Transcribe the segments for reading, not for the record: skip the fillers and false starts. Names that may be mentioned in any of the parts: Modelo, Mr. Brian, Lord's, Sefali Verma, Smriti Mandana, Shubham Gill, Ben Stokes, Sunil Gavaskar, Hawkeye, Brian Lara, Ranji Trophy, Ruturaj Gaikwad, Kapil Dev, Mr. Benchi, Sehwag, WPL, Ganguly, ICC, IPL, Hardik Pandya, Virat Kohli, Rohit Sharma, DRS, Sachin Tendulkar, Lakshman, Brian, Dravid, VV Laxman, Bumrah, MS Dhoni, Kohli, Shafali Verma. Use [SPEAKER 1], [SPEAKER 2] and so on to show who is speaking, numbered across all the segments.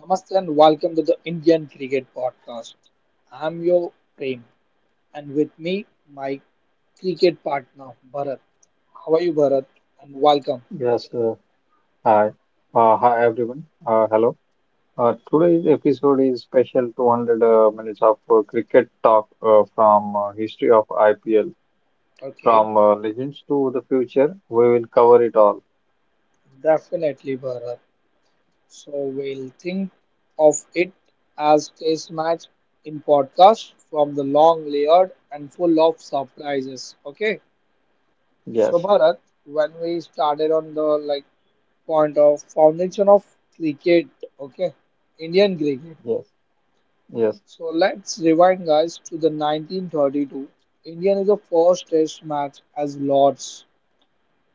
[SPEAKER 1] Namaste and welcome to the Indian Cricket Podcast. I'm your Prem and with me my cricket partner Bharat. How are you Bharat? And welcome.
[SPEAKER 2] Yes, uh, hi. Hi, everyone. Hello. Today's episode is special 200 minutes of cricket talk from history of IPL,
[SPEAKER 1] Okay,
[SPEAKER 2] from legends to the future. We will cover it all.
[SPEAKER 1] definitely Bharat. So we'll think of it as test match in podcast from the long layered and full of surprises. Okay. So
[SPEAKER 2] Yes,
[SPEAKER 1] Bharat, when we started on the like point of foundation of cricket, okay, Indian cricket.
[SPEAKER 2] yes, yes,
[SPEAKER 1] So let's rewind, guys, to the 1932. Indian is the first test match as Lords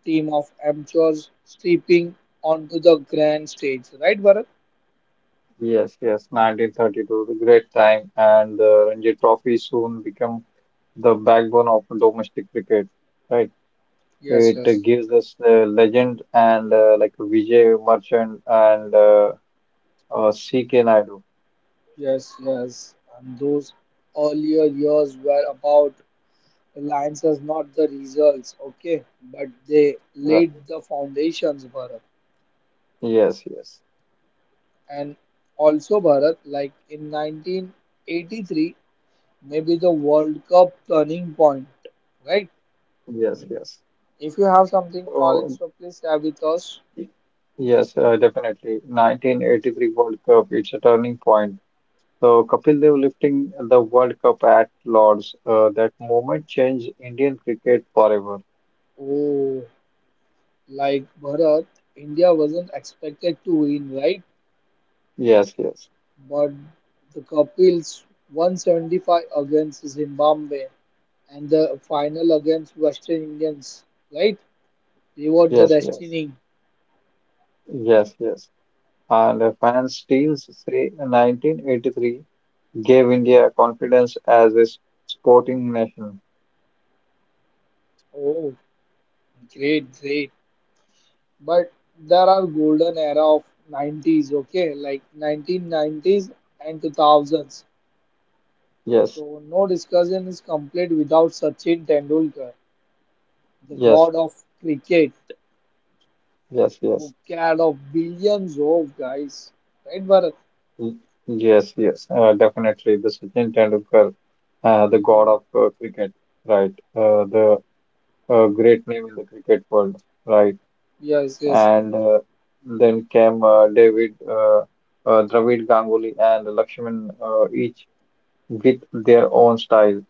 [SPEAKER 1] team of amateurs stepping onto the grand stage, right, Bharat?
[SPEAKER 2] yes. 1932, the great time, and the Ranji Trophy soon become the backbone of domestic cricket. Right.
[SPEAKER 1] Yes,
[SPEAKER 2] It
[SPEAKER 1] yes,
[SPEAKER 2] gives us legend and like Vijay Merchant and CK Naidu.
[SPEAKER 1] yes, yes. And those earlier years were about alliances, not the results, okay? But they
[SPEAKER 2] Uh,
[SPEAKER 1] laid the foundations, Bharat.
[SPEAKER 2] yes, yes,
[SPEAKER 1] And also, Bharat, like in 1983, maybe the World Cup turning point, right?
[SPEAKER 2] yes.
[SPEAKER 1] If you have something knowledge,
[SPEAKER 2] So,
[SPEAKER 1] so please share with us.
[SPEAKER 2] yes, Definitely. 1983 World Cup, it's a turning point. So, Kapil Dev lifting the World Cup at Lord's, that moment changed Indian cricket forever.
[SPEAKER 1] Oh, like Bharat, India wasn't expected to win, right?
[SPEAKER 2] Yes, yes,
[SPEAKER 1] But the Kapils 175 against Zimbabwe and the final against Western Indians, right? They were the
[SPEAKER 2] yes, yes,
[SPEAKER 1] destiny.
[SPEAKER 2] yes. And the fans still say 1983 gave India confidence as a sporting nation.
[SPEAKER 1] Oh, great, great. But there are golden era of 90s, okay? Like 1990s and 2000s.
[SPEAKER 2] Yes,
[SPEAKER 1] So no discussion is complete without Sachin Tendulkar. The
[SPEAKER 2] yes,
[SPEAKER 1] god of cricket,
[SPEAKER 2] yes,
[SPEAKER 1] who
[SPEAKER 2] yes.
[SPEAKER 1] cared of billions of guys. Right, Bharat?
[SPEAKER 2] Y- yes, Definitely. The Sachin Tendulkar, the god
[SPEAKER 1] Hmm.
[SPEAKER 2] of cricket, right? The great name in the cricket world, right?
[SPEAKER 1] Yes, yes.
[SPEAKER 2] And then came Dravid, Ganguly, and Lakshman, each with their own style.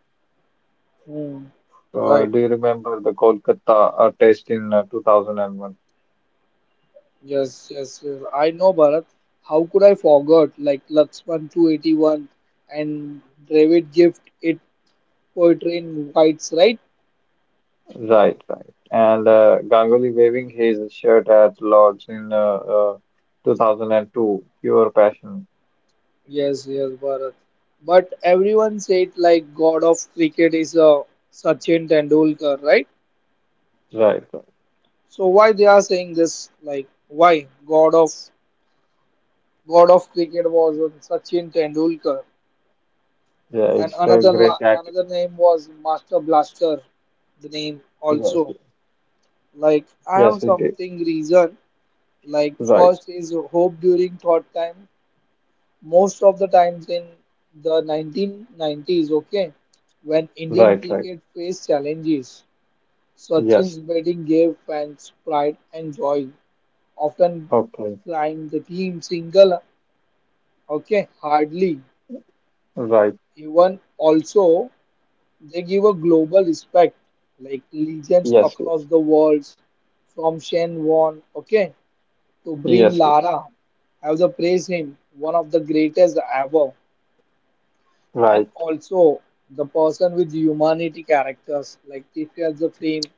[SPEAKER 1] Hmm. Right.
[SPEAKER 2] Do you remember the Kolkata test in 2001?
[SPEAKER 1] Yes, yes, yes. I know, Bharat. How could I forget? Like Laxman 281 and Dravid Gift, it poetry in whites, right?
[SPEAKER 2] Right, right. And Ganguly waving his shirt at Lords in 2002, pure passion.
[SPEAKER 1] Yes, yes, Bharat. But everyone said like god of cricket is a Sachin Tendulkar, right?
[SPEAKER 2] Right, right.
[SPEAKER 1] So why they are saying this? Like why god of? God of cricket was Sachin Tendulkar,
[SPEAKER 2] Yeah,
[SPEAKER 1] and
[SPEAKER 2] it's the
[SPEAKER 1] another la-
[SPEAKER 2] great act.
[SPEAKER 1] another name was Master Blaster. The name
[SPEAKER 2] Yes,
[SPEAKER 1] also
[SPEAKER 2] yes,
[SPEAKER 1] like I
[SPEAKER 2] yes,
[SPEAKER 1] have
[SPEAKER 2] it is.
[SPEAKER 1] something reason like
[SPEAKER 2] Right,
[SPEAKER 1] first is hope during thought time. Most of the times in the 1990s, okay, when Indian
[SPEAKER 2] right, right.
[SPEAKER 1] cricket faced challenges,
[SPEAKER 2] Yes,
[SPEAKER 1] Sachin's batting gave fans pride and joy. Often
[SPEAKER 2] okay.
[SPEAKER 1] climbed the team single, okay, hardly
[SPEAKER 2] Right,
[SPEAKER 1] even also They give a global respect, like legions
[SPEAKER 2] yes,
[SPEAKER 1] across
[SPEAKER 2] yes,
[SPEAKER 1] the world, from Shen Won, okay, to Brin
[SPEAKER 2] yes, yes.
[SPEAKER 1] Lara, have the praise him, one of the greatest ever, and
[SPEAKER 2] Right,
[SPEAKER 1] also the person with humanity characters like Tifia the Flame.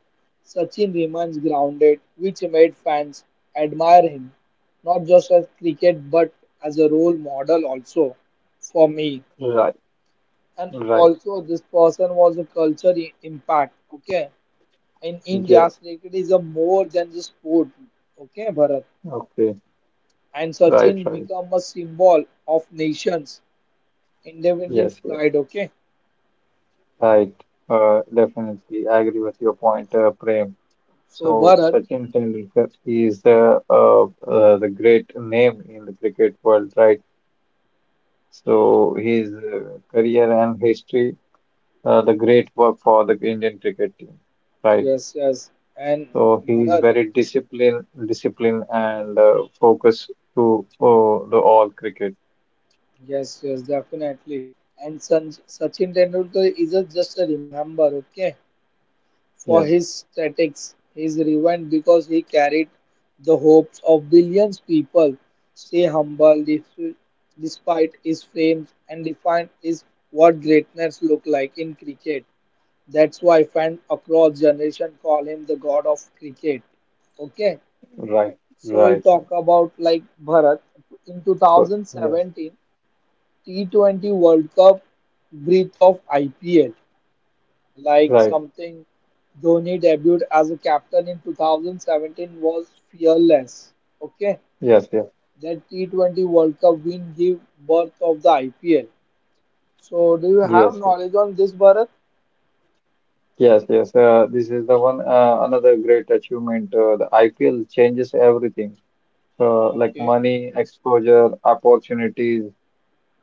[SPEAKER 1] Sachin remains grounded, which made fans admire him, not just as cricket but as a role model also for me.
[SPEAKER 2] right,
[SPEAKER 1] And
[SPEAKER 2] right.
[SPEAKER 1] also, this person was a culture impact. Okay, in India,
[SPEAKER 2] Yes,
[SPEAKER 1] cricket is a more than the sport. Okay, Bharat.
[SPEAKER 2] okay.
[SPEAKER 1] And
[SPEAKER 2] Right,
[SPEAKER 1] Sachin
[SPEAKER 2] right.
[SPEAKER 1] become a symbol of nations, independent
[SPEAKER 2] Yes, yes.
[SPEAKER 1] pride. Okay.
[SPEAKER 2] Right. Definitely. I agree with your point, Prem.
[SPEAKER 1] So
[SPEAKER 2] So
[SPEAKER 1] Bharat,
[SPEAKER 2] Sachin Tendulkar is the great name in the cricket world, right? So his career and history, the great work for the Indian cricket team, right?
[SPEAKER 1] yes, yes, and
[SPEAKER 2] So he's
[SPEAKER 1] Bharat,
[SPEAKER 2] very disciplined and focused to the all cricket.
[SPEAKER 1] yes, yes, definitely. And Sachin Tendulkar is a, just a remember. Okay. For
[SPEAKER 2] Yes,
[SPEAKER 1] his statics, his revenge because he carried the hopes of billions people. Stay humble despite his fame and define is what greatness look like in cricket. That's why fans across generation call him the god of cricket. Okay,
[SPEAKER 2] right,
[SPEAKER 1] so we'll
[SPEAKER 2] right, right.
[SPEAKER 1] talk about like Bharat in
[SPEAKER 2] So yes,
[SPEAKER 1] 2017 T20 World Cup breath of IPL. Like
[SPEAKER 2] right,
[SPEAKER 1] something Dhoni debuted as a captain in 2017 was fearless. Okay,
[SPEAKER 2] yes, yes,
[SPEAKER 1] that T20 World Cup win gave birth of the IPL. So, do you have
[SPEAKER 2] yes,
[SPEAKER 1] knowledge on this, Bharat?
[SPEAKER 2] yes, yes. This is the one another great achievement. The IPL changes everything. So like
[SPEAKER 1] Okay,
[SPEAKER 2] money, exposure, opportunities.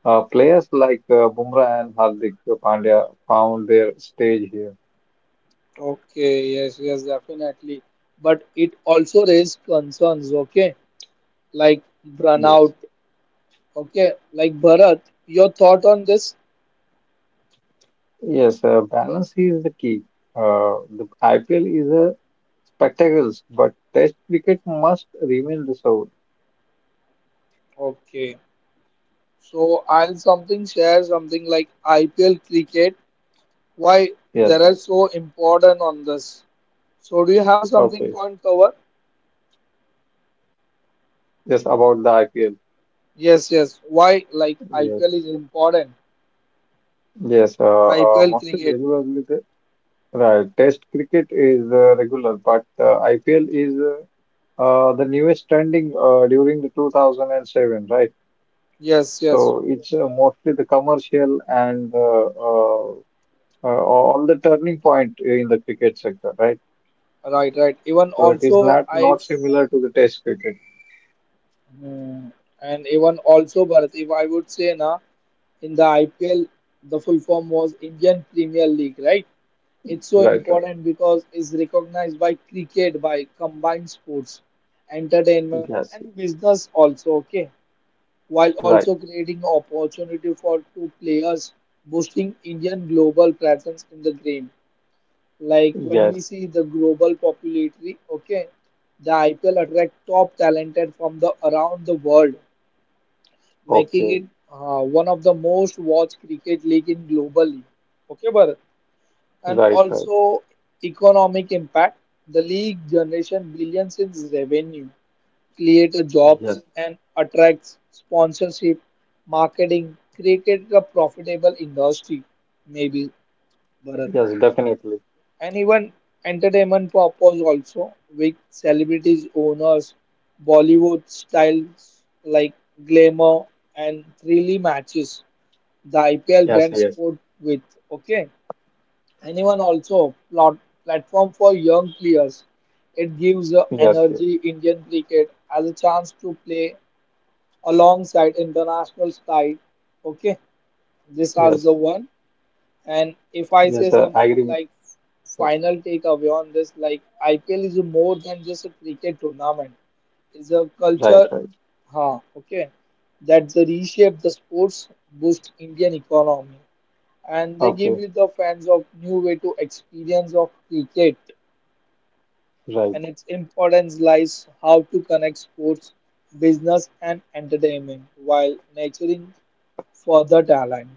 [SPEAKER 2] Players like Bumrah and Hardik Pandya found their stage here.
[SPEAKER 1] okay, yes, yes, definitely. But it also raised concerns. Okay, like
[SPEAKER 2] Yes.
[SPEAKER 1] burnout. Okay, like Bharat, your thought on this?
[SPEAKER 2] Yes, Balance is the key. The IPL is a spectacles, but Test cricket must remain the soul.
[SPEAKER 1] Okay, so I'll something share something like IPL cricket why they
[SPEAKER 2] Yes,
[SPEAKER 1] are so important on this. So do you have something
[SPEAKER 2] okay.
[SPEAKER 1] point cover?
[SPEAKER 2] Yes, about the IPL.
[SPEAKER 1] Yes, yes. Why like
[SPEAKER 2] Yes,
[SPEAKER 1] IPL is important?
[SPEAKER 2] yes.
[SPEAKER 1] IPL
[SPEAKER 2] Mostly
[SPEAKER 1] cricket.
[SPEAKER 2] regularly, right. Test cricket is regular, but IPL is the newest trending during the 2007, right?
[SPEAKER 1] Yes, yes.
[SPEAKER 2] So it's mostly the commercial and all the turning point in the cricket sector, right?
[SPEAKER 1] Right, right. Even
[SPEAKER 2] So it is
[SPEAKER 1] also I
[SPEAKER 2] not similar to the test cricket.
[SPEAKER 1] hmm, and even also Bharat, if I would say na in the IPL the full form was Indian Premier League, right? It's so
[SPEAKER 2] Right, right.
[SPEAKER 1] important because it's recognized by cricket by combined sports, entertainment
[SPEAKER 2] Yes,
[SPEAKER 1] and business also. Okay. While
[SPEAKER 2] right.
[SPEAKER 1] also creating opportunity for two players, boosting Indian global presence in the game. Like when
[SPEAKER 2] Yes.
[SPEAKER 1] we see the global popularity, okay, the IPL attract top talented from the around the world, making
[SPEAKER 2] Okay.
[SPEAKER 1] it one of the most watched cricket league in globally. Okay, Bharat. And
[SPEAKER 2] Right, right.
[SPEAKER 1] also economic impact. The league generation billions in revenue creates
[SPEAKER 2] Yes,
[SPEAKER 1] jobs and attracts sponsorship, marketing, create a profitable industry, maybe Bharat.
[SPEAKER 2] yes, definitely.
[SPEAKER 1] And even entertainment purpose also with celebrities, owners, Bollywood styles like glamour and thrilly matches the IPL
[SPEAKER 2] Yes,
[SPEAKER 1] blends
[SPEAKER 2] yes,
[SPEAKER 1] sport with. Okay. Anyone also plot platform for young players. It gives the
[SPEAKER 2] yes, yes,
[SPEAKER 1] energy Indian cricket as a chance to play alongside international side, okay, this as
[SPEAKER 2] yes,
[SPEAKER 1] the one, and if I say
[SPEAKER 2] yes. I
[SPEAKER 1] something
[SPEAKER 2] agree with
[SPEAKER 1] like
[SPEAKER 2] that.
[SPEAKER 1] final takeaway on this, like IPL is more than just a cricket tournament, it's a culture,
[SPEAKER 2] Right, right.
[SPEAKER 1] huh, okay, that they reshape the sports, boost Indian economy and they give
[SPEAKER 2] Okay,
[SPEAKER 1] you the fans of new way to experience of cricket
[SPEAKER 2] right,
[SPEAKER 1] and its importance lies how to connect sports business and entertainment while nurturing for the talent.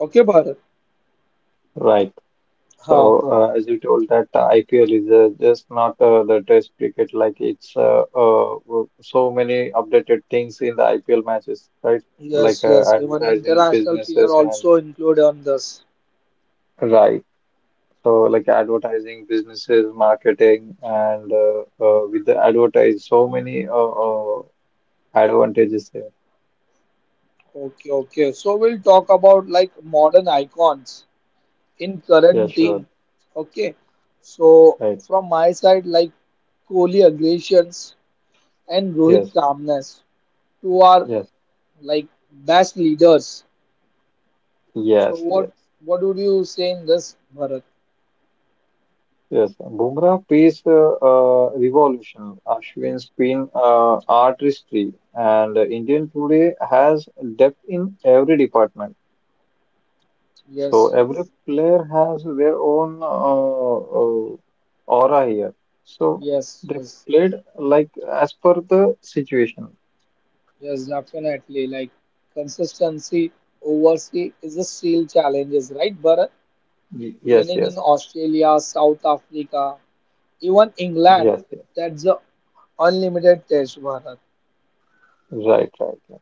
[SPEAKER 1] Okay, Bharat.
[SPEAKER 2] right.
[SPEAKER 1] Ha.
[SPEAKER 2] So as you told that IPL is just not the test cricket. Like it's so many updated things in the IPL matches, right? Like
[SPEAKER 1] Yes, yes. Even
[SPEAKER 2] advertising
[SPEAKER 1] international peer
[SPEAKER 2] businesses and
[SPEAKER 1] also include on this.
[SPEAKER 2] right. So like advertising, businesses, marketing, and with the advertise, so many advantages there.
[SPEAKER 1] Okay, okay. So we'll talk about like modern icons in
[SPEAKER 2] Yeah,
[SPEAKER 1] current
[SPEAKER 2] sure.
[SPEAKER 1] team. Okay. So
[SPEAKER 2] Right.
[SPEAKER 1] from my side, like Kohli aggressions and Rohit
[SPEAKER 2] Yes.
[SPEAKER 1] calmness, two are
[SPEAKER 2] Yes.
[SPEAKER 1] like best leaders. So
[SPEAKER 2] Yes. Yes.
[SPEAKER 1] what would you say in this, Bharat?
[SPEAKER 2] Yes. Bumrah piece revolution, Ashwin's spin artistry, and Indian today has depth in every department. So
[SPEAKER 1] Yes,
[SPEAKER 2] every
[SPEAKER 1] yes,
[SPEAKER 2] player has their own aura here. So
[SPEAKER 1] yes,
[SPEAKER 2] they
[SPEAKER 1] yes.
[SPEAKER 2] played like as per the situation.
[SPEAKER 1] Yes, definitely. Like consistency overseas is a still challenges, right? But
[SPEAKER 2] Yes,
[SPEAKER 1] winning in
[SPEAKER 2] yes,
[SPEAKER 1] Australia, South Africa, even England,
[SPEAKER 2] yes, yes.
[SPEAKER 1] that's a unlimited test, Bharat.
[SPEAKER 2] Right, right, yeah.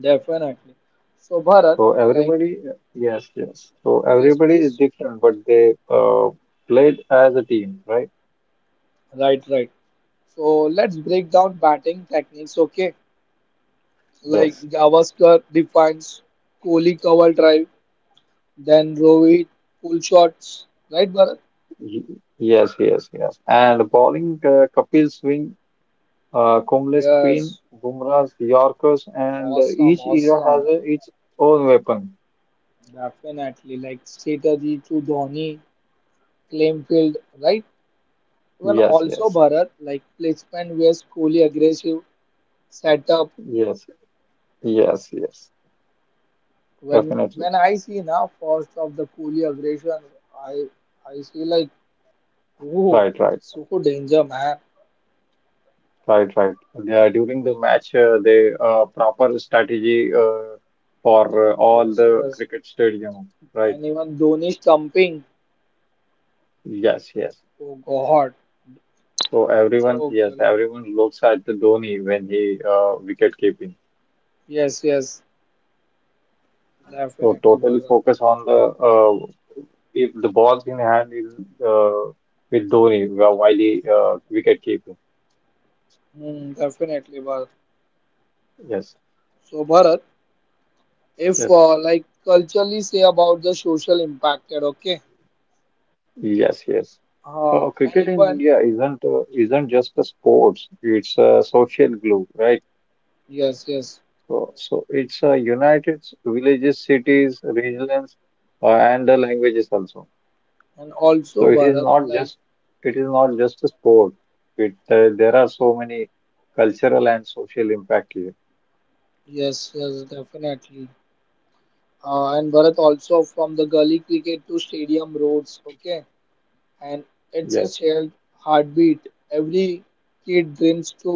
[SPEAKER 1] Definitely. So Bharat,
[SPEAKER 2] So
[SPEAKER 1] like
[SPEAKER 2] everybody, yes, yes. So
[SPEAKER 1] yes,
[SPEAKER 2] everybody is
[SPEAKER 1] please.
[SPEAKER 2] different, but they played as a team, right?
[SPEAKER 1] Right, right. So let's break down batting techniques, okay? Like
[SPEAKER 2] Yes,
[SPEAKER 1] Gavaskar defines Kohli cover drive, then Rohit pull shots, right, Bharat?
[SPEAKER 2] Y- yes, yes, yes. And bowling, Kapil swing, Kumble spin,
[SPEAKER 1] Yes.
[SPEAKER 2] Bumrah's Yorkers, and
[SPEAKER 1] Awesome,
[SPEAKER 2] each era has
[SPEAKER 1] awesome.
[SPEAKER 2] a, its own weapon.
[SPEAKER 1] Definitely. Like Setaji to Dhoni, Claimfield, right? Even
[SPEAKER 2] Yes,
[SPEAKER 1] also
[SPEAKER 2] yes,
[SPEAKER 1] Bharat, like placement where Kohli aggressive setup.
[SPEAKER 2] yes, yes, yes,
[SPEAKER 1] When
[SPEAKER 2] definitely.
[SPEAKER 1] when I see now first of the Kohli aggression, I I see like whoa,
[SPEAKER 2] Right, right,
[SPEAKER 1] so danger man.
[SPEAKER 2] right, right. Yeah, during the match, they proper strategy for all
[SPEAKER 1] Yes,
[SPEAKER 2] the
[SPEAKER 1] yes.
[SPEAKER 2] cricket stadium, right?
[SPEAKER 1] And even Dhoni stumping.
[SPEAKER 2] Yes, yes.
[SPEAKER 1] Oh God.
[SPEAKER 2] So everyone,
[SPEAKER 1] So
[SPEAKER 2] yes,
[SPEAKER 1] clearly.
[SPEAKER 2] everyone looks at the Dhoni when he wicket keeping.
[SPEAKER 1] Yes, yes.
[SPEAKER 2] So
[SPEAKER 1] Definitely
[SPEAKER 2] totally
[SPEAKER 1] Bharat.
[SPEAKER 2] focus on the if the ball's in hand is uh, with Dhoni while he wicket keeping.
[SPEAKER 1] Hmm, definitely Bharat.
[SPEAKER 2] Yes,
[SPEAKER 1] So Bharat. if
[SPEAKER 2] yes.
[SPEAKER 1] uh, like culturally say about the social impact that okay
[SPEAKER 2] Yes, yes.
[SPEAKER 1] uh,
[SPEAKER 2] Cricket in
[SPEAKER 1] anyone
[SPEAKER 2] India isn't just a sports; it's a social glue, right?
[SPEAKER 1] yes yes
[SPEAKER 2] So, it's united villages, cities, regions, and the languages also.
[SPEAKER 1] and
[SPEAKER 2] So
[SPEAKER 1] also
[SPEAKER 2] it is
[SPEAKER 1] Bharat,
[SPEAKER 2] not
[SPEAKER 1] like
[SPEAKER 2] just it is not just a sport. It There are so many cultural and social impact here.
[SPEAKER 1] yes yes definitely and Bharat also from the gully cricket to stadium roads okay and it's a
[SPEAKER 2] Yes,
[SPEAKER 1] shared heartbeat every kid dreams to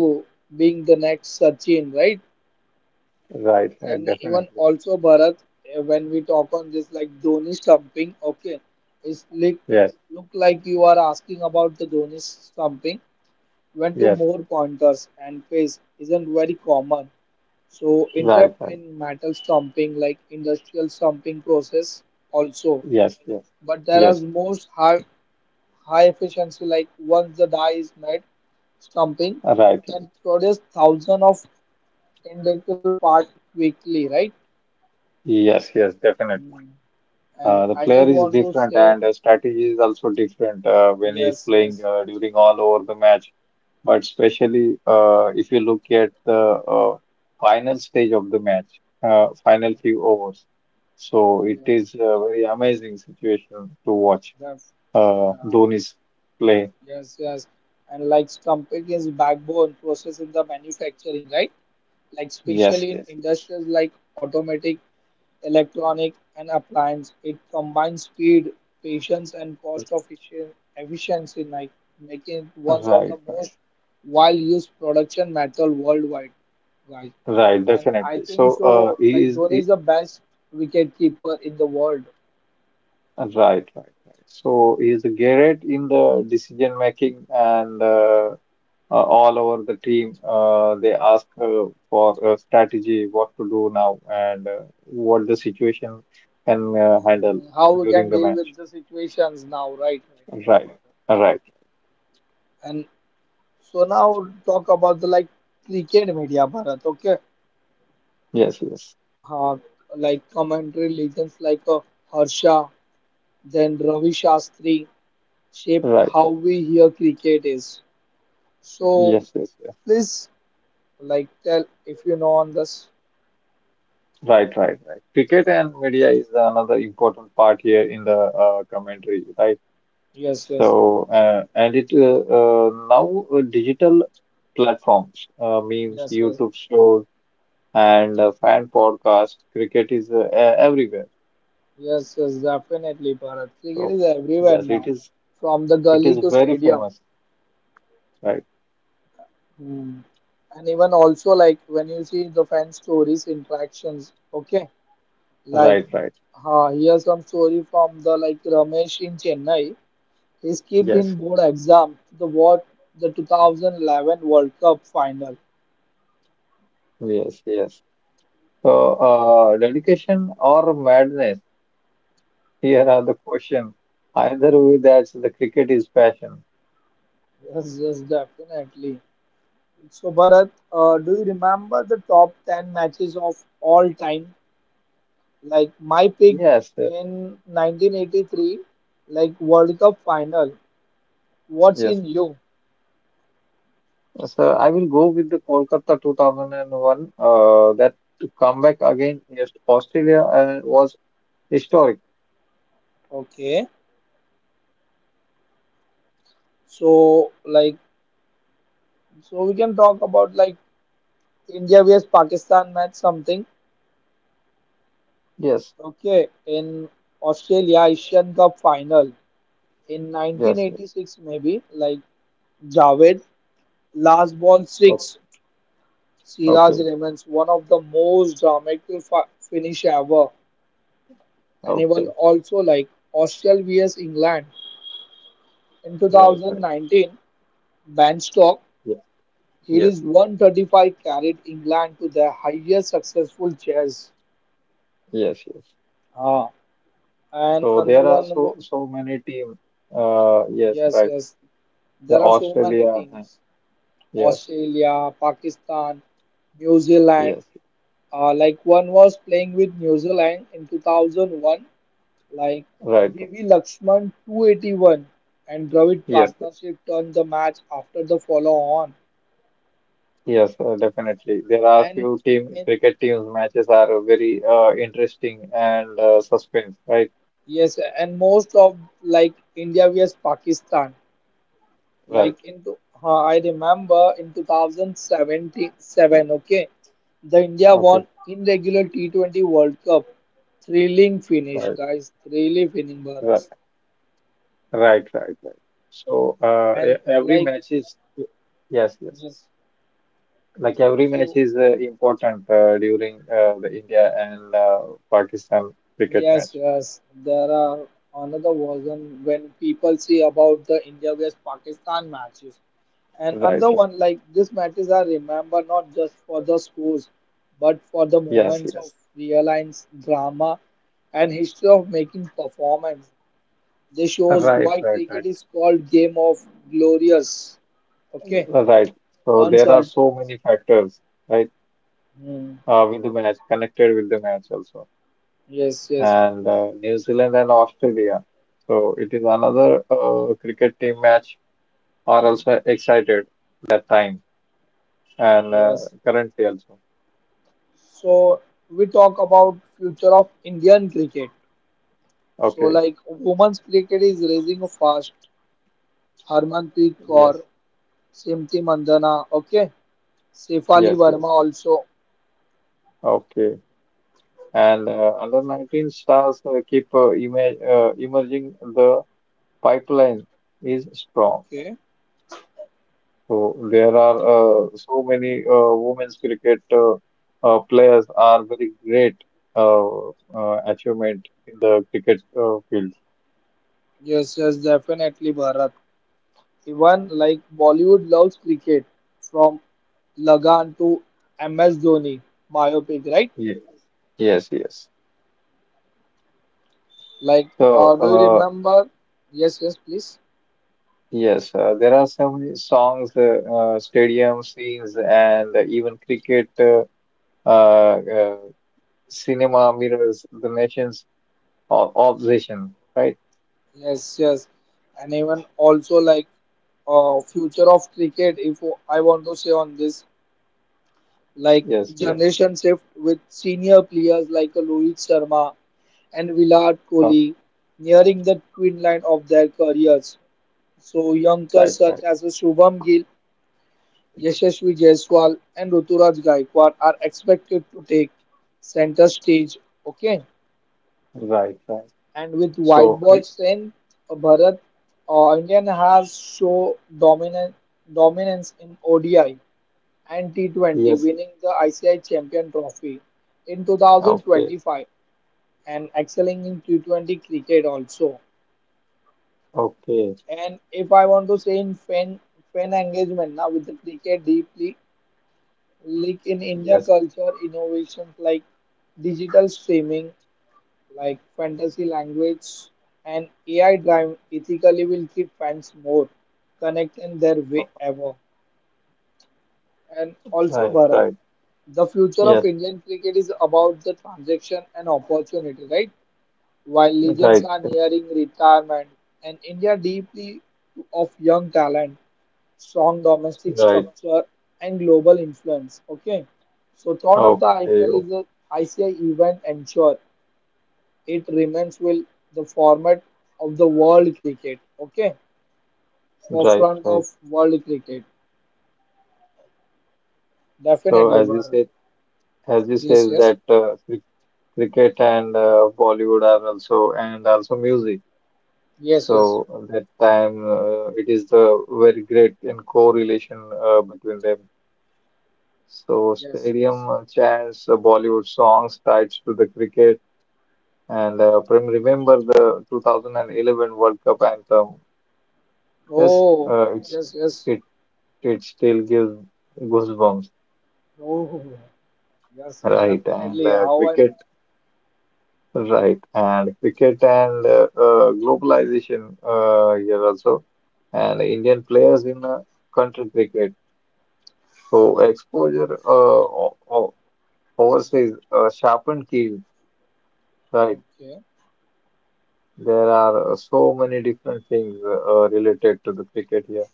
[SPEAKER 1] being the next Sachin right.
[SPEAKER 2] right,
[SPEAKER 1] And even
[SPEAKER 2] Definitely.
[SPEAKER 1] also Bharat, when we talk on this like Dhoni stumping, okay, it's like
[SPEAKER 2] Yes,
[SPEAKER 1] look like you are asking about the Dhoni stumping. Went to
[SPEAKER 2] yes,
[SPEAKER 1] more pointers and pace isn't very common. So
[SPEAKER 2] right,
[SPEAKER 1] interrupt
[SPEAKER 2] right.
[SPEAKER 1] in metal stumping like industrial stumping process also.
[SPEAKER 2] Yes, yes,
[SPEAKER 1] But there are
[SPEAKER 2] yes,
[SPEAKER 1] most high efficiency like once the die is made, stumping
[SPEAKER 2] right, right.
[SPEAKER 1] can produce thousands of identical parts quickly,
[SPEAKER 2] Yes, yes, definitely.
[SPEAKER 1] right? And
[SPEAKER 2] The
[SPEAKER 1] I
[SPEAKER 2] player
[SPEAKER 1] just
[SPEAKER 2] is
[SPEAKER 1] want to
[SPEAKER 2] different
[SPEAKER 1] say
[SPEAKER 2] and the strategy is also different when he is
[SPEAKER 1] yes,
[SPEAKER 2] playing
[SPEAKER 1] yes,
[SPEAKER 2] during all over the match. But especially if you look at the final stage of the match, final few overs. So it
[SPEAKER 1] yes,
[SPEAKER 2] is a very amazing situation to watch
[SPEAKER 1] that, uh,
[SPEAKER 2] Dhoni's play.
[SPEAKER 1] yes, yes. And like stamping is backbone process in the manufacturing, right? Like
[SPEAKER 2] Yes,
[SPEAKER 1] especially in
[SPEAKER 2] yes,
[SPEAKER 1] industries like automatic electronic and appliance. It combines speed, patience, and cost efficient efficiency, like making it one of
[SPEAKER 2] right,
[SPEAKER 1] the
[SPEAKER 2] right,
[SPEAKER 1] most well-used production metal worldwide, guys.
[SPEAKER 2] right,
[SPEAKER 1] And I
[SPEAKER 2] definitely.
[SPEAKER 1] think so. Like Dhoni is the best wicket keeper in the world.
[SPEAKER 2] Right, right, right. So he is a great in the decision making. And. All over the team, they ask for a strategy, what to do now, and what the situation can handle
[SPEAKER 1] Hmm, how we
[SPEAKER 2] during
[SPEAKER 1] can
[SPEAKER 2] the
[SPEAKER 1] deal
[SPEAKER 2] match.
[SPEAKER 1] with the situations now, right? Right, right,
[SPEAKER 2] Right,
[SPEAKER 1] Bharat.
[SPEAKER 2] right.
[SPEAKER 1] And so now talk about the like cricket media, Bharat. Okay,
[SPEAKER 2] Yes, yes.
[SPEAKER 1] uh, like commentary legends like Harsha then Ravi Shastri shaped
[SPEAKER 2] Right,
[SPEAKER 1] how
[SPEAKER 2] right.
[SPEAKER 1] we hear cricket is. So
[SPEAKER 2] Yes, yes, yes.
[SPEAKER 1] please, like, tell if you know on this.
[SPEAKER 2] Right, right, right. Cricket and media is another important part here in the commentary, right?
[SPEAKER 1] Yes, yes,
[SPEAKER 2] So, and it Now digital platforms, memes,
[SPEAKER 1] yes, yes,
[SPEAKER 2] YouTube shows, and fan podcasts. Cricket is everywhere.
[SPEAKER 1] yes, yes, definitely, Bharat. Cricket
[SPEAKER 2] So
[SPEAKER 1] is everywhere
[SPEAKER 2] yes, it
[SPEAKER 1] now,
[SPEAKER 2] is.
[SPEAKER 1] from the
[SPEAKER 2] It
[SPEAKER 1] gully
[SPEAKER 2] is
[SPEAKER 1] to
[SPEAKER 2] very
[SPEAKER 1] stadium.
[SPEAKER 2] famous. Right,
[SPEAKER 1] Hmm. And even also like when you see the fan stories, interactions. Okay, like,
[SPEAKER 2] right, right.
[SPEAKER 1] here's some story from the like Ramesh in Chennai. He skipped in
[SPEAKER 2] Yes,
[SPEAKER 1] board exam to the what the 2011 World Cup final.
[SPEAKER 2] yes, yes. So dedication or madness? Here are the questions. Either way, that's the cricket is passion.
[SPEAKER 1] Yes, yes, definitely. So Bharat, do you remember the top 10 matches of all time? Like my pick
[SPEAKER 2] Yes, uh,
[SPEAKER 1] in 1983, like World Cup final. What's
[SPEAKER 2] yes.
[SPEAKER 1] in you?
[SPEAKER 2] So I will go with the Kolkata 2001. That to come back again against Australia was historic.
[SPEAKER 1] Okay. So like so we can talk about like India vs Pakistan match something.
[SPEAKER 2] Yes,
[SPEAKER 1] Okay, in Australia Asian Cup final. In
[SPEAKER 2] yes, yes.
[SPEAKER 1] 1986 maybe like Javed last ball
[SPEAKER 2] Okay,
[SPEAKER 1] six Siraj
[SPEAKER 2] okay,
[SPEAKER 1] remains one of the most dramatic finish ever and he was
[SPEAKER 2] okay.
[SPEAKER 1] also like Australia vs England in
[SPEAKER 2] Right, right.
[SPEAKER 1] 2019 Ben Banstock
[SPEAKER 2] Yes,
[SPEAKER 1] he
[SPEAKER 2] yes,
[SPEAKER 1] is 135 carried England to their highest successful chase
[SPEAKER 2] yes, yes.
[SPEAKER 1] ah. And
[SPEAKER 2] So
[SPEAKER 1] another
[SPEAKER 2] there are
[SPEAKER 1] one wa-
[SPEAKER 2] so so many team. Yes,
[SPEAKER 1] yes
[SPEAKER 2] right.
[SPEAKER 1] yes
[SPEAKER 2] The
[SPEAKER 1] there are so many
[SPEAKER 2] Australia,
[SPEAKER 1] teams
[SPEAKER 2] yes,
[SPEAKER 1] Australia Pakistan New Zealand.
[SPEAKER 2] yes,
[SPEAKER 1] Like one was playing with New Zealand in 2001, like
[SPEAKER 2] right, right.
[SPEAKER 1] VV Lakshman 281 and Dravid
[SPEAKER 2] Yes, yes,
[SPEAKER 1] partnership turned the match after the follow on.
[SPEAKER 2] yes. Definitely, there are
[SPEAKER 1] And
[SPEAKER 2] few team
[SPEAKER 1] in,
[SPEAKER 2] cricket teams matches are very interesting and suspense. Right,
[SPEAKER 1] yes, and most of like India vs Pakistan,
[SPEAKER 2] right.
[SPEAKER 1] like into I remember in 2077, okay, the India
[SPEAKER 2] Okay,
[SPEAKER 1] won in regular T20 World Cup. Thrilling finish,
[SPEAKER 2] right,
[SPEAKER 1] guys. Thrilling finish,
[SPEAKER 2] right,
[SPEAKER 1] Bharas.
[SPEAKER 2] right, right, right. So
[SPEAKER 1] And
[SPEAKER 2] every
[SPEAKER 1] like,
[SPEAKER 2] match is yes, yes.
[SPEAKER 1] yes.
[SPEAKER 2] Like every match
[SPEAKER 1] So
[SPEAKER 2] is important during the India and Pakistan cricket
[SPEAKER 1] yes,
[SPEAKER 2] match.
[SPEAKER 1] yes. There are another version when people see about the India vs Pakistan matches. And
[SPEAKER 2] Right,
[SPEAKER 1] another
[SPEAKER 2] right.
[SPEAKER 1] one like these matches are remembered not just for the scores, but for the
[SPEAKER 2] Yes,
[SPEAKER 1] moments of
[SPEAKER 2] yes.
[SPEAKER 1] real drama and history of making performance. This shows
[SPEAKER 2] Right,
[SPEAKER 1] why
[SPEAKER 2] right, right,
[SPEAKER 1] cricket is called game of glorious. Okay,
[SPEAKER 2] right. So there are
[SPEAKER 1] uncertain.
[SPEAKER 2] so many factors, right,
[SPEAKER 1] Hmm.
[SPEAKER 2] with the match, connected with the match also.
[SPEAKER 1] Yes, yes,
[SPEAKER 2] And New Zealand and Australia. So it is another cricket team match are also excited that time and
[SPEAKER 1] yes.
[SPEAKER 2] currently also.
[SPEAKER 1] So we talk about future of Indian cricket. So
[SPEAKER 2] Okay.
[SPEAKER 1] like women's cricket is raising fast. Harmanpreet Kaur,
[SPEAKER 2] Yes,
[SPEAKER 1] Simti Mandana, okay. Sefali
[SPEAKER 2] yes, yes.
[SPEAKER 1] Verma also.
[SPEAKER 2] Okay. And under 19 stars keep ima emerging. The pipeline is strong.
[SPEAKER 1] Okay.
[SPEAKER 2] So there are so many women's cricket players are very great achievement in the cricket field.
[SPEAKER 1] Yes, yes, definitely Bharat. Even like Bollywood loves cricket from Lagan to MS Dhoni biopic, right?
[SPEAKER 2] Ye- Yes, yes.
[SPEAKER 1] Like,
[SPEAKER 2] So
[SPEAKER 1] do you
[SPEAKER 2] uh,
[SPEAKER 1] remember? Yes, yes, please.
[SPEAKER 2] yes, there are so many songs, stadium scenes, and even cricket uh, uh, cinema mirrors the nation's obsession. Right?
[SPEAKER 1] Yes, yes. And even also like future of cricket, if I want to say on this, like
[SPEAKER 2] Yes, yes.
[SPEAKER 1] generation shift with senior players like Rohit Sharma and Virat
[SPEAKER 2] Oh,
[SPEAKER 1] Kohli nearing the twin line of their careers. So
[SPEAKER 2] right,
[SPEAKER 1] youngsters such
[SPEAKER 2] right,
[SPEAKER 1] as Shubham Gill, Yashasvi Jaiswal and Ruturaj Gaikwad are expected to take center stage. Okay,
[SPEAKER 2] right, right.
[SPEAKER 1] and with
[SPEAKER 2] So
[SPEAKER 1] white ball
[SPEAKER 2] cri-
[SPEAKER 1] strength, Bharat, Indian has show dominant dominance in ODI and T20,
[SPEAKER 2] yes,
[SPEAKER 1] winning the ICI Champion Trophy in
[SPEAKER 2] okay,
[SPEAKER 1] 2025 and excelling in T20 cricket also.
[SPEAKER 2] okay.
[SPEAKER 1] And if I want to say in fan engagement now with the cricket deeply, linked in India
[SPEAKER 2] Yes,
[SPEAKER 1] culture, innovations like digital streaming, like fantasy language and AI drive ethically will keep fans more connected in their way ever. And also
[SPEAKER 2] right,
[SPEAKER 1] Bharat,
[SPEAKER 2] right.
[SPEAKER 1] the future of
[SPEAKER 2] Yes,
[SPEAKER 1] Indian cricket is about the transaction and opportunity, right? While legends
[SPEAKER 2] right,
[SPEAKER 1] are nearing retirement and India deeply of young talent, strong domestic
[SPEAKER 2] right.
[SPEAKER 1] structure and global influence. Okay. So thought of the
[SPEAKER 2] Okay,
[SPEAKER 1] IPL
[SPEAKER 2] okay.
[SPEAKER 1] is a ICI event ensure it remains will the format of the world cricket. Okay.
[SPEAKER 2] Right,
[SPEAKER 1] Forefront
[SPEAKER 2] right.
[SPEAKER 1] of world cricket.
[SPEAKER 2] So
[SPEAKER 1] Definitely
[SPEAKER 2] as you
[SPEAKER 1] Bharat.
[SPEAKER 2] said, as you
[SPEAKER 1] Yes,
[SPEAKER 2] said
[SPEAKER 1] yes.
[SPEAKER 2] that cricket and Bollywood are also and also music.
[SPEAKER 1] Yes, yes.
[SPEAKER 2] So that time it is the very great and correlation between them. So
[SPEAKER 1] Yes, yes.
[SPEAKER 2] stadium chants, Bollywood songs tied to the cricket, and remember the 2011 World Cup anthem. Yes,
[SPEAKER 1] Oh,
[SPEAKER 2] uh, it's.
[SPEAKER 1] yes, yes.
[SPEAKER 2] It It still gives goosebumps,
[SPEAKER 1] Oh, yes, yes,
[SPEAKER 2] right? And
[SPEAKER 1] definitely. How I'm
[SPEAKER 2] cricket, right? And cricket and globalization here also, and Indian players in country cricket. So exposure overseas sharpened keys, right?
[SPEAKER 1] okay.
[SPEAKER 2] There are so many different things related to the cricket here.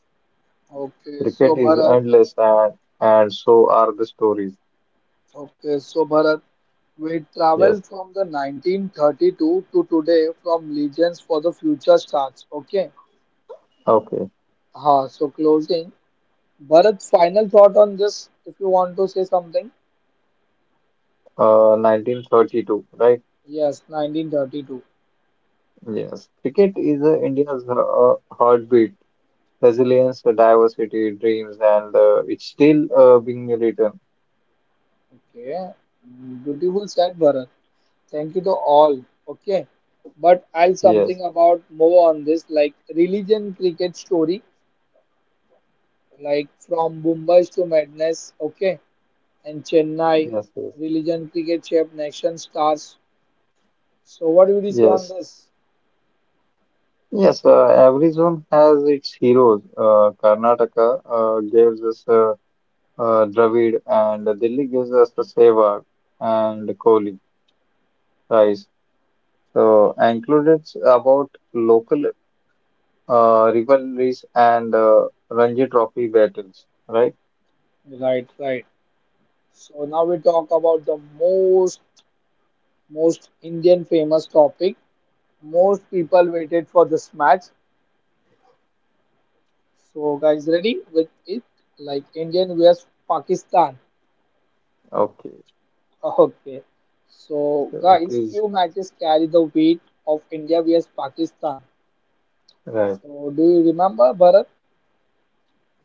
[SPEAKER 1] Okay, so
[SPEAKER 2] Cricket is
[SPEAKER 1] Bharat,
[SPEAKER 2] endless, and so are the stories.
[SPEAKER 1] okay, so Bharat, we
[SPEAKER 2] Yes.
[SPEAKER 1] traveled from the 1932 to today from Legends for the Future starts. Okay,
[SPEAKER 2] Okay.
[SPEAKER 1] ha, so closing. Bharat, final thought on this if you want to say something.
[SPEAKER 2] 1932, right?
[SPEAKER 1] Yes, 1932.
[SPEAKER 2] Yes, cricket is India's heartbeat, resilience, diversity, dreams, and it's still being written.
[SPEAKER 1] Okay, mm, beautiful said, Bharat. Thank you to all. Okay. But I'll
[SPEAKER 2] Yes,
[SPEAKER 1] something about more on this, like religion cricket story, like from Bombay to madness, okay, and Chennai,
[SPEAKER 2] yes, yes,
[SPEAKER 1] religion cricket shaped nation stars. So what would you say on
[SPEAKER 2] yes.
[SPEAKER 1] this?
[SPEAKER 2] Yes, every zone has its heroes. Karnataka gives us Dravid, and Delhi gives us the Sehwag and Kohli, Rice. So, I included about local rivalries and Ranji Trophy battles, right?
[SPEAKER 1] Right, right. So now we talk about the most Indian famous topic. Most people waited for this match. So guys ready with it? Like Indian vs Pakistan.
[SPEAKER 2] Okay,
[SPEAKER 1] Okay, so
[SPEAKER 2] so it
[SPEAKER 1] guys,
[SPEAKER 2] is
[SPEAKER 1] few matches carry the weight of India vs Pakistan.
[SPEAKER 2] right,
[SPEAKER 1] So do you remember, Bharat?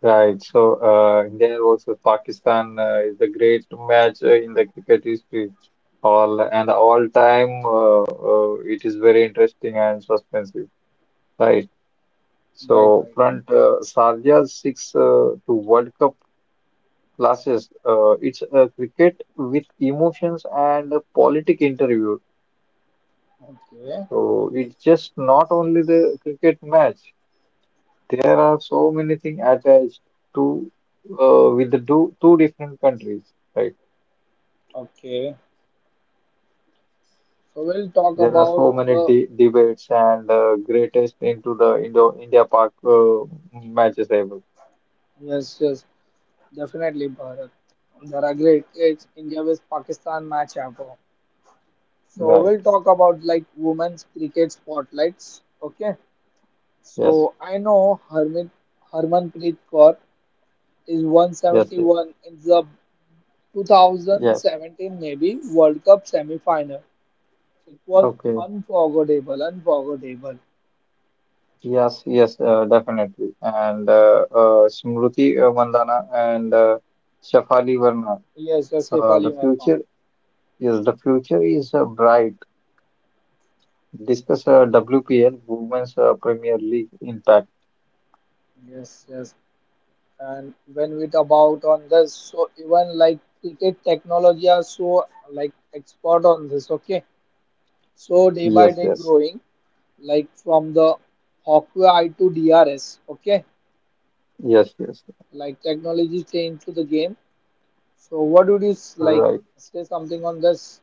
[SPEAKER 2] right. So India versus Pakistan is the great match in the cricket history. All and all time, it is very interesting and suspensive. Right.
[SPEAKER 1] Right,
[SPEAKER 2] So
[SPEAKER 1] right.
[SPEAKER 2] front Sarja's six to World Cup classes. It's a cricket with emotions and a politic interview.
[SPEAKER 1] Okay,
[SPEAKER 2] So it's just not only the cricket match. There are so many things attached to with the two different countries, right?
[SPEAKER 1] okay. So we'll talk
[SPEAKER 2] There are
[SPEAKER 1] about
[SPEAKER 2] so many
[SPEAKER 1] the
[SPEAKER 2] de debates and greatest into the Indo India Park matches ever,
[SPEAKER 1] yes, yes, definitely, Bharat. There are great it's India vs Pakistan match ever. So
[SPEAKER 2] right?
[SPEAKER 1] we'll talk about like women's cricket spotlights. Okay.
[SPEAKER 2] Yes,
[SPEAKER 1] So I know Harmit Harmanpreet Kaur is
[SPEAKER 2] yes, yes,
[SPEAKER 1] 171 in the two thousand
[SPEAKER 2] yes.
[SPEAKER 1] seventeen maybe World Cup semi final. It was
[SPEAKER 2] Okay.
[SPEAKER 1] unforgettable.
[SPEAKER 2] Yes, yes, definitely. And Smriti Mandhana and Shafali Verma.
[SPEAKER 1] Yes, yes, Saif
[SPEAKER 2] Uh,
[SPEAKER 1] Ali
[SPEAKER 2] the
[SPEAKER 1] Verma.
[SPEAKER 2] future, yes, the future is bright. Discuss WPL, Women's Premier League impact.
[SPEAKER 1] Yes, yes. And when we talk about on this, so even like cricket technology are so like expert on this, okay? So day by
[SPEAKER 2] Yes,
[SPEAKER 1] day
[SPEAKER 2] yes,
[SPEAKER 1] growing, like from the Hawkeye Eye to DRS, okay?
[SPEAKER 2] yes, yes,
[SPEAKER 1] Like technology change to the game. So what would you like
[SPEAKER 2] right.
[SPEAKER 1] say something on this?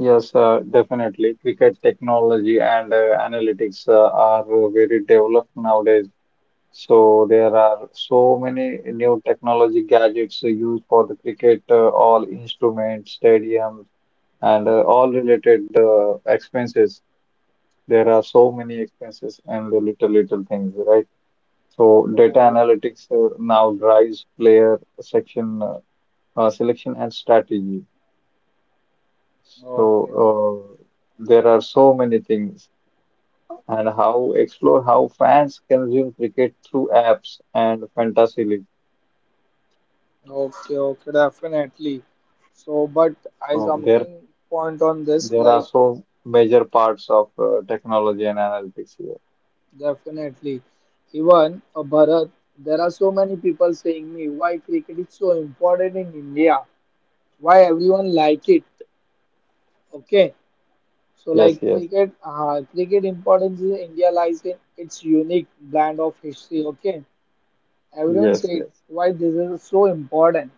[SPEAKER 2] Yes, definitely. Cricket technology and analytics are very developed nowadays. So there are so many new technology gadgets used for the cricket, all instruments, stadiums, and all related expenses. There are so many expenses and the little, little things, right? So data
[SPEAKER 1] Oh,
[SPEAKER 2] analytics now drives player section, selection and strategy.
[SPEAKER 1] okay,
[SPEAKER 2] So uh, there are so many things, and how explore how fans consume cricket through apps and fantasy league.
[SPEAKER 1] okay, okay, definitely. So, but I
[SPEAKER 2] So
[SPEAKER 1] something point on this,
[SPEAKER 2] there are
[SPEAKER 1] like
[SPEAKER 2] so major parts of technology and analytics here.
[SPEAKER 1] definitely. Even Bharat, there are so many people saying me why cricket is so important in India, why everyone like it. Okay, so like
[SPEAKER 2] Yes, yes,
[SPEAKER 1] cricket importance in India lies in its unique brand of history. Okay, everyone
[SPEAKER 2] yes,
[SPEAKER 1] said
[SPEAKER 2] yes.
[SPEAKER 1] why this is so important,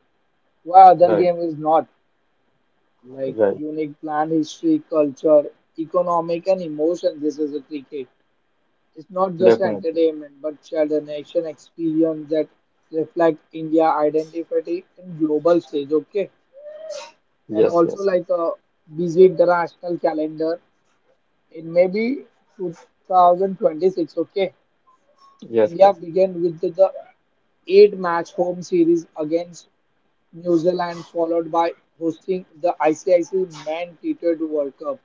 [SPEAKER 1] why other
[SPEAKER 2] Right,
[SPEAKER 1] game is not. Like
[SPEAKER 2] right.
[SPEAKER 1] unique plant history, culture, economic, and emotion. This is a cricket. It's not just
[SPEAKER 2] Definitely.
[SPEAKER 1] entertainment, but shared a nation experience that reflect India identity in global stage. Okay, and
[SPEAKER 2] Yes,
[SPEAKER 1] also
[SPEAKER 2] yes,
[SPEAKER 1] like a busy international calendar. It may be 2026. Okay,
[SPEAKER 2] yes, yes,
[SPEAKER 1] India
[SPEAKER 2] yes.
[SPEAKER 1] began with the eight-match home series against New Zealand, followed by hosting the ICIC Men T20 World Cup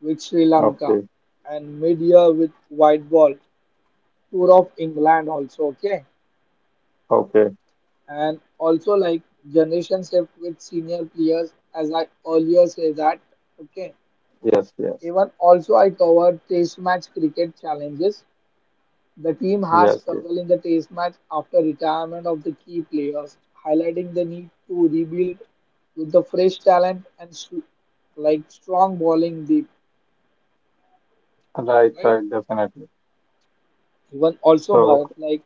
[SPEAKER 1] with Sri Lanka
[SPEAKER 2] Okay,
[SPEAKER 1] and mid-year with white ball tour of England also okay
[SPEAKER 2] okay.
[SPEAKER 1] and also like generation shift with senior players as I earlier say that okay
[SPEAKER 2] Yes, yes,
[SPEAKER 1] even also I covered test match cricket challenges the team has
[SPEAKER 2] yes, yes.
[SPEAKER 1] struggled in the test match after retirement of the key players highlighting the need to rebuild with the fresh talent and like strong bowling deep
[SPEAKER 2] Right,
[SPEAKER 1] right
[SPEAKER 2] right. Definitely.
[SPEAKER 1] even also
[SPEAKER 2] So
[SPEAKER 1] Bharat like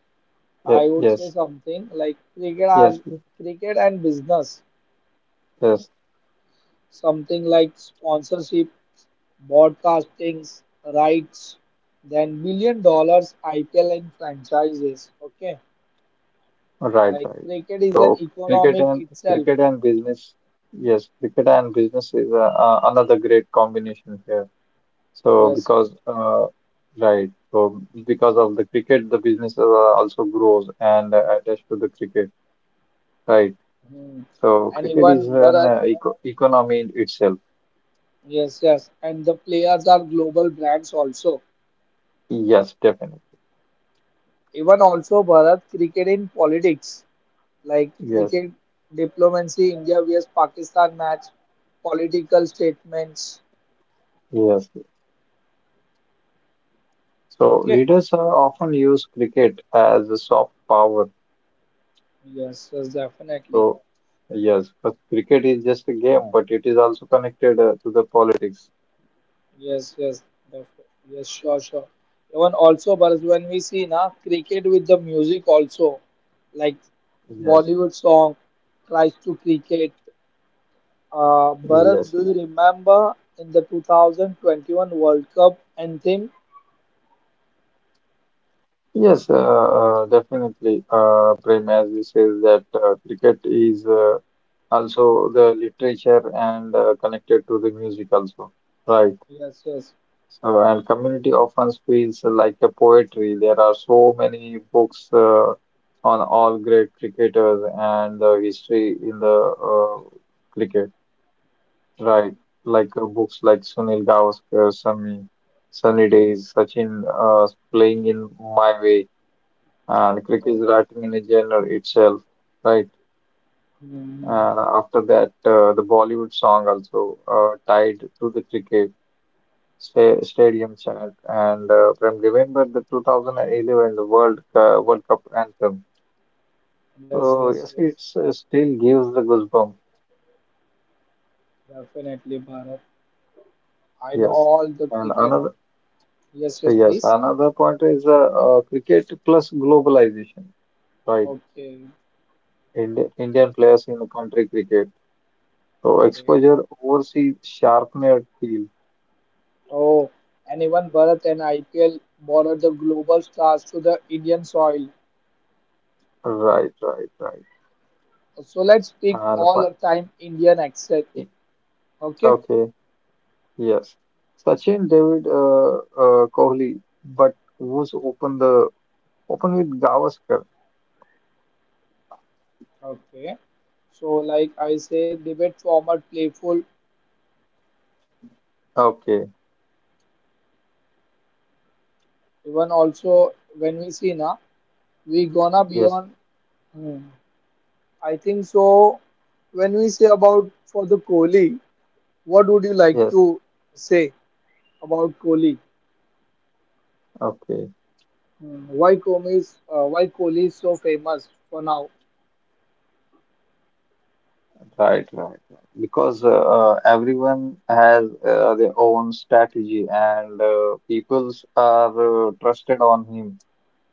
[SPEAKER 1] I would say
[SPEAKER 2] yes,
[SPEAKER 1] something like cricket
[SPEAKER 2] yes,
[SPEAKER 1] as cricket and business,
[SPEAKER 2] yes.
[SPEAKER 1] something like sponsorship, broadcastings, rights, then billion dollar IPL and franchises. Okay,
[SPEAKER 2] Right,
[SPEAKER 1] like
[SPEAKER 2] right.
[SPEAKER 1] cricket is an
[SPEAKER 2] So
[SPEAKER 1] economic itself.
[SPEAKER 2] cricket and business, yes, cricket and business is another great combination here. So
[SPEAKER 1] Yes, yes.
[SPEAKER 2] because right, so because of the cricket, the business also grows and attached to the cricket, right?
[SPEAKER 1] Hmm.
[SPEAKER 2] So
[SPEAKER 1] And
[SPEAKER 2] cricket is
[SPEAKER 1] even
[SPEAKER 2] an
[SPEAKER 1] Bharat,
[SPEAKER 2] economy in itself.
[SPEAKER 1] yes, yes. And the players are global brands also.
[SPEAKER 2] Yes, definitely.
[SPEAKER 1] Even also Bharat, cricket in politics, like
[SPEAKER 2] Yes,
[SPEAKER 1] cricket diplomacy, India vs Pakistan match, political statements.
[SPEAKER 2] yes. So
[SPEAKER 1] Okay.
[SPEAKER 2] leaders often use cricket as a soft power.
[SPEAKER 1] Yes, yes, definitely.
[SPEAKER 2] So, yes, but cricket is just a game, but it is also connected to the politics.
[SPEAKER 1] Yes, yes, def- yes, sure, sure. Even also, but when we see na cricket with the music also, like
[SPEAKER 2] Yes,
[SPEAKER 1] Bollywood song tries to cricket. Bharat,
[SPEAKER 2] yes,
[SPEAKER 1] do you remember in the 2021 World Cup anthem?
[SPEAKER 2] yes, definitely. Prem, as you says that cricket is also the literature and connected to the music also, right?
[SPEAKER 1] Yes, yes.
[SPEAKER 2] So, and community often feels like a poetry. There are so many books on all great cricketers and the history in the cricket. Right, like books like Sunil Gavaskar, Sunny Days, Sachin playing in my way, and cricket
[SPEAKER 1] Oh,
[SPEAKER 2] is writing in a genre itself, right?
[SPEAKER 1] hmm hmm.
[SPEAKER 2] After that, the Bollywood song also tied to the cricket stadium chant, and remember the 2011 the World World Cup anthem.
[SPEAKER 1] Yes,
[SPEAKER 2] So
[SPEAKER 1] yes,
[SPEAKER 2] yes,
[SPEAKER 1] yes.
[SPEAKER 2] it's still gives the goosebumps.
[SPEAKER 1] Definitely, Bharat. I know
[SPEAKER 2] Yes,
[SPEAKER 1] all the
[SPEAKER 2] and
[SPEAKER 1] cricket.
[SPEAKER 2] another
[SPEAKER 1] Yes, yes,
[SPEAKER 2] yes,
[SPEAKER 1] please.
[SPEAKER 2] another point is cricket plus globalization, right?
[SPEAKER 1] Okay,
[SPEAKER 2] Indian players in the country cricket. So
[SPEAKER 1] okay.
[SPEAKER 2] exposure overseas sharpener field.
[SPEAKER 1] Oh, and even Bharat and IPL borrowed the global stars to the Indian soil.
[SPEAKER 2] Right, right, right.
[SPEAKER 1] So let's speak
[SPEAKER 2] And
[SPEAKER 1] all the time Indian accent. Okay,
[SPEAKER 2] okay, yes. Sachin, David, Kohli, but who's open with Gavaskar?
[SPEAKER 1] okay. So like I say, debate format playful.
[SPEAKER 2] Okay,
[SPEAKER 1] Even also when we see na, we gonna be
[SPEAKER 2] yes,
[SPEAKER 1] on. Hmm, I think so. When we say about for the Kohli, what would you like
[SPEAKER 2] yes,
[SPEAKER 1] to say about Kohli?
[SPEAKER 2] okay.
[SPEAKER 1] Wycombe is why Kohli is so famous for now.
[SPEAKER 2] Right, right, right. Because everyone has their own strategy, and peoples are trusted on him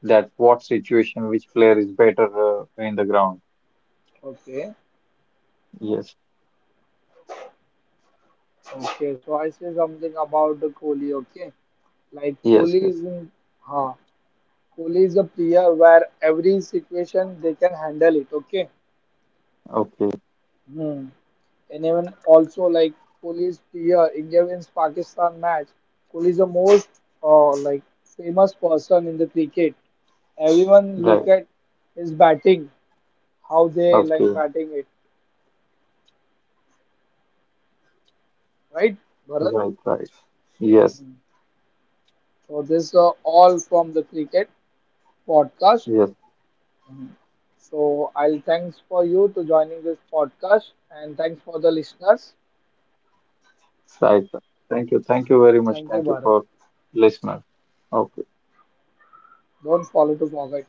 [SPEAKER 2] that what situation, which player is better in the ground.
[SPEAKER 1] Okay,
[SPEAKER 2] Yes,
[SPEAKER 1] okay. So I say something about the Kohli. Okay, like
[SPEAKER 2] yes,
[SPEAKER 1] Kohli
[SPEAKER 2] yes.
[SPEAKER 1] is in, huh, Kohli is a player where every situation they can handle it. Okay.
[SPEAKER 2] Okay,
[SPEAKER 1] Hmm. And even also like Kohli is player India wins Pakistan match. Kohli is the most like famous person in the cricket. Everyone
[SPEAKER 2] right.
[SPEAKER 1] look at his batting, how they like
[SPEAKER 2] Okay,
[SPEAKER 1] batting it, right, Bharat?
[SPEAKER 2] right, right. Yes,
[SPEAKER 1] So this are all from the cricket podcast.
[SPEAKER 2] yes,
[SPEAKER 1] Mhm. So I'll thanks for you to joining this podcast and thanks for the listeners.
[SPEAKER 2] right, right. Thank you very much.
[SPEAKER 1] Thank you,
[SPEAKER 2] Thank you
[SPEAKER 1] Bharat.
[SPEAKER 2] for listening. Okay.
[SPEAKER 1] Don't follow to forget.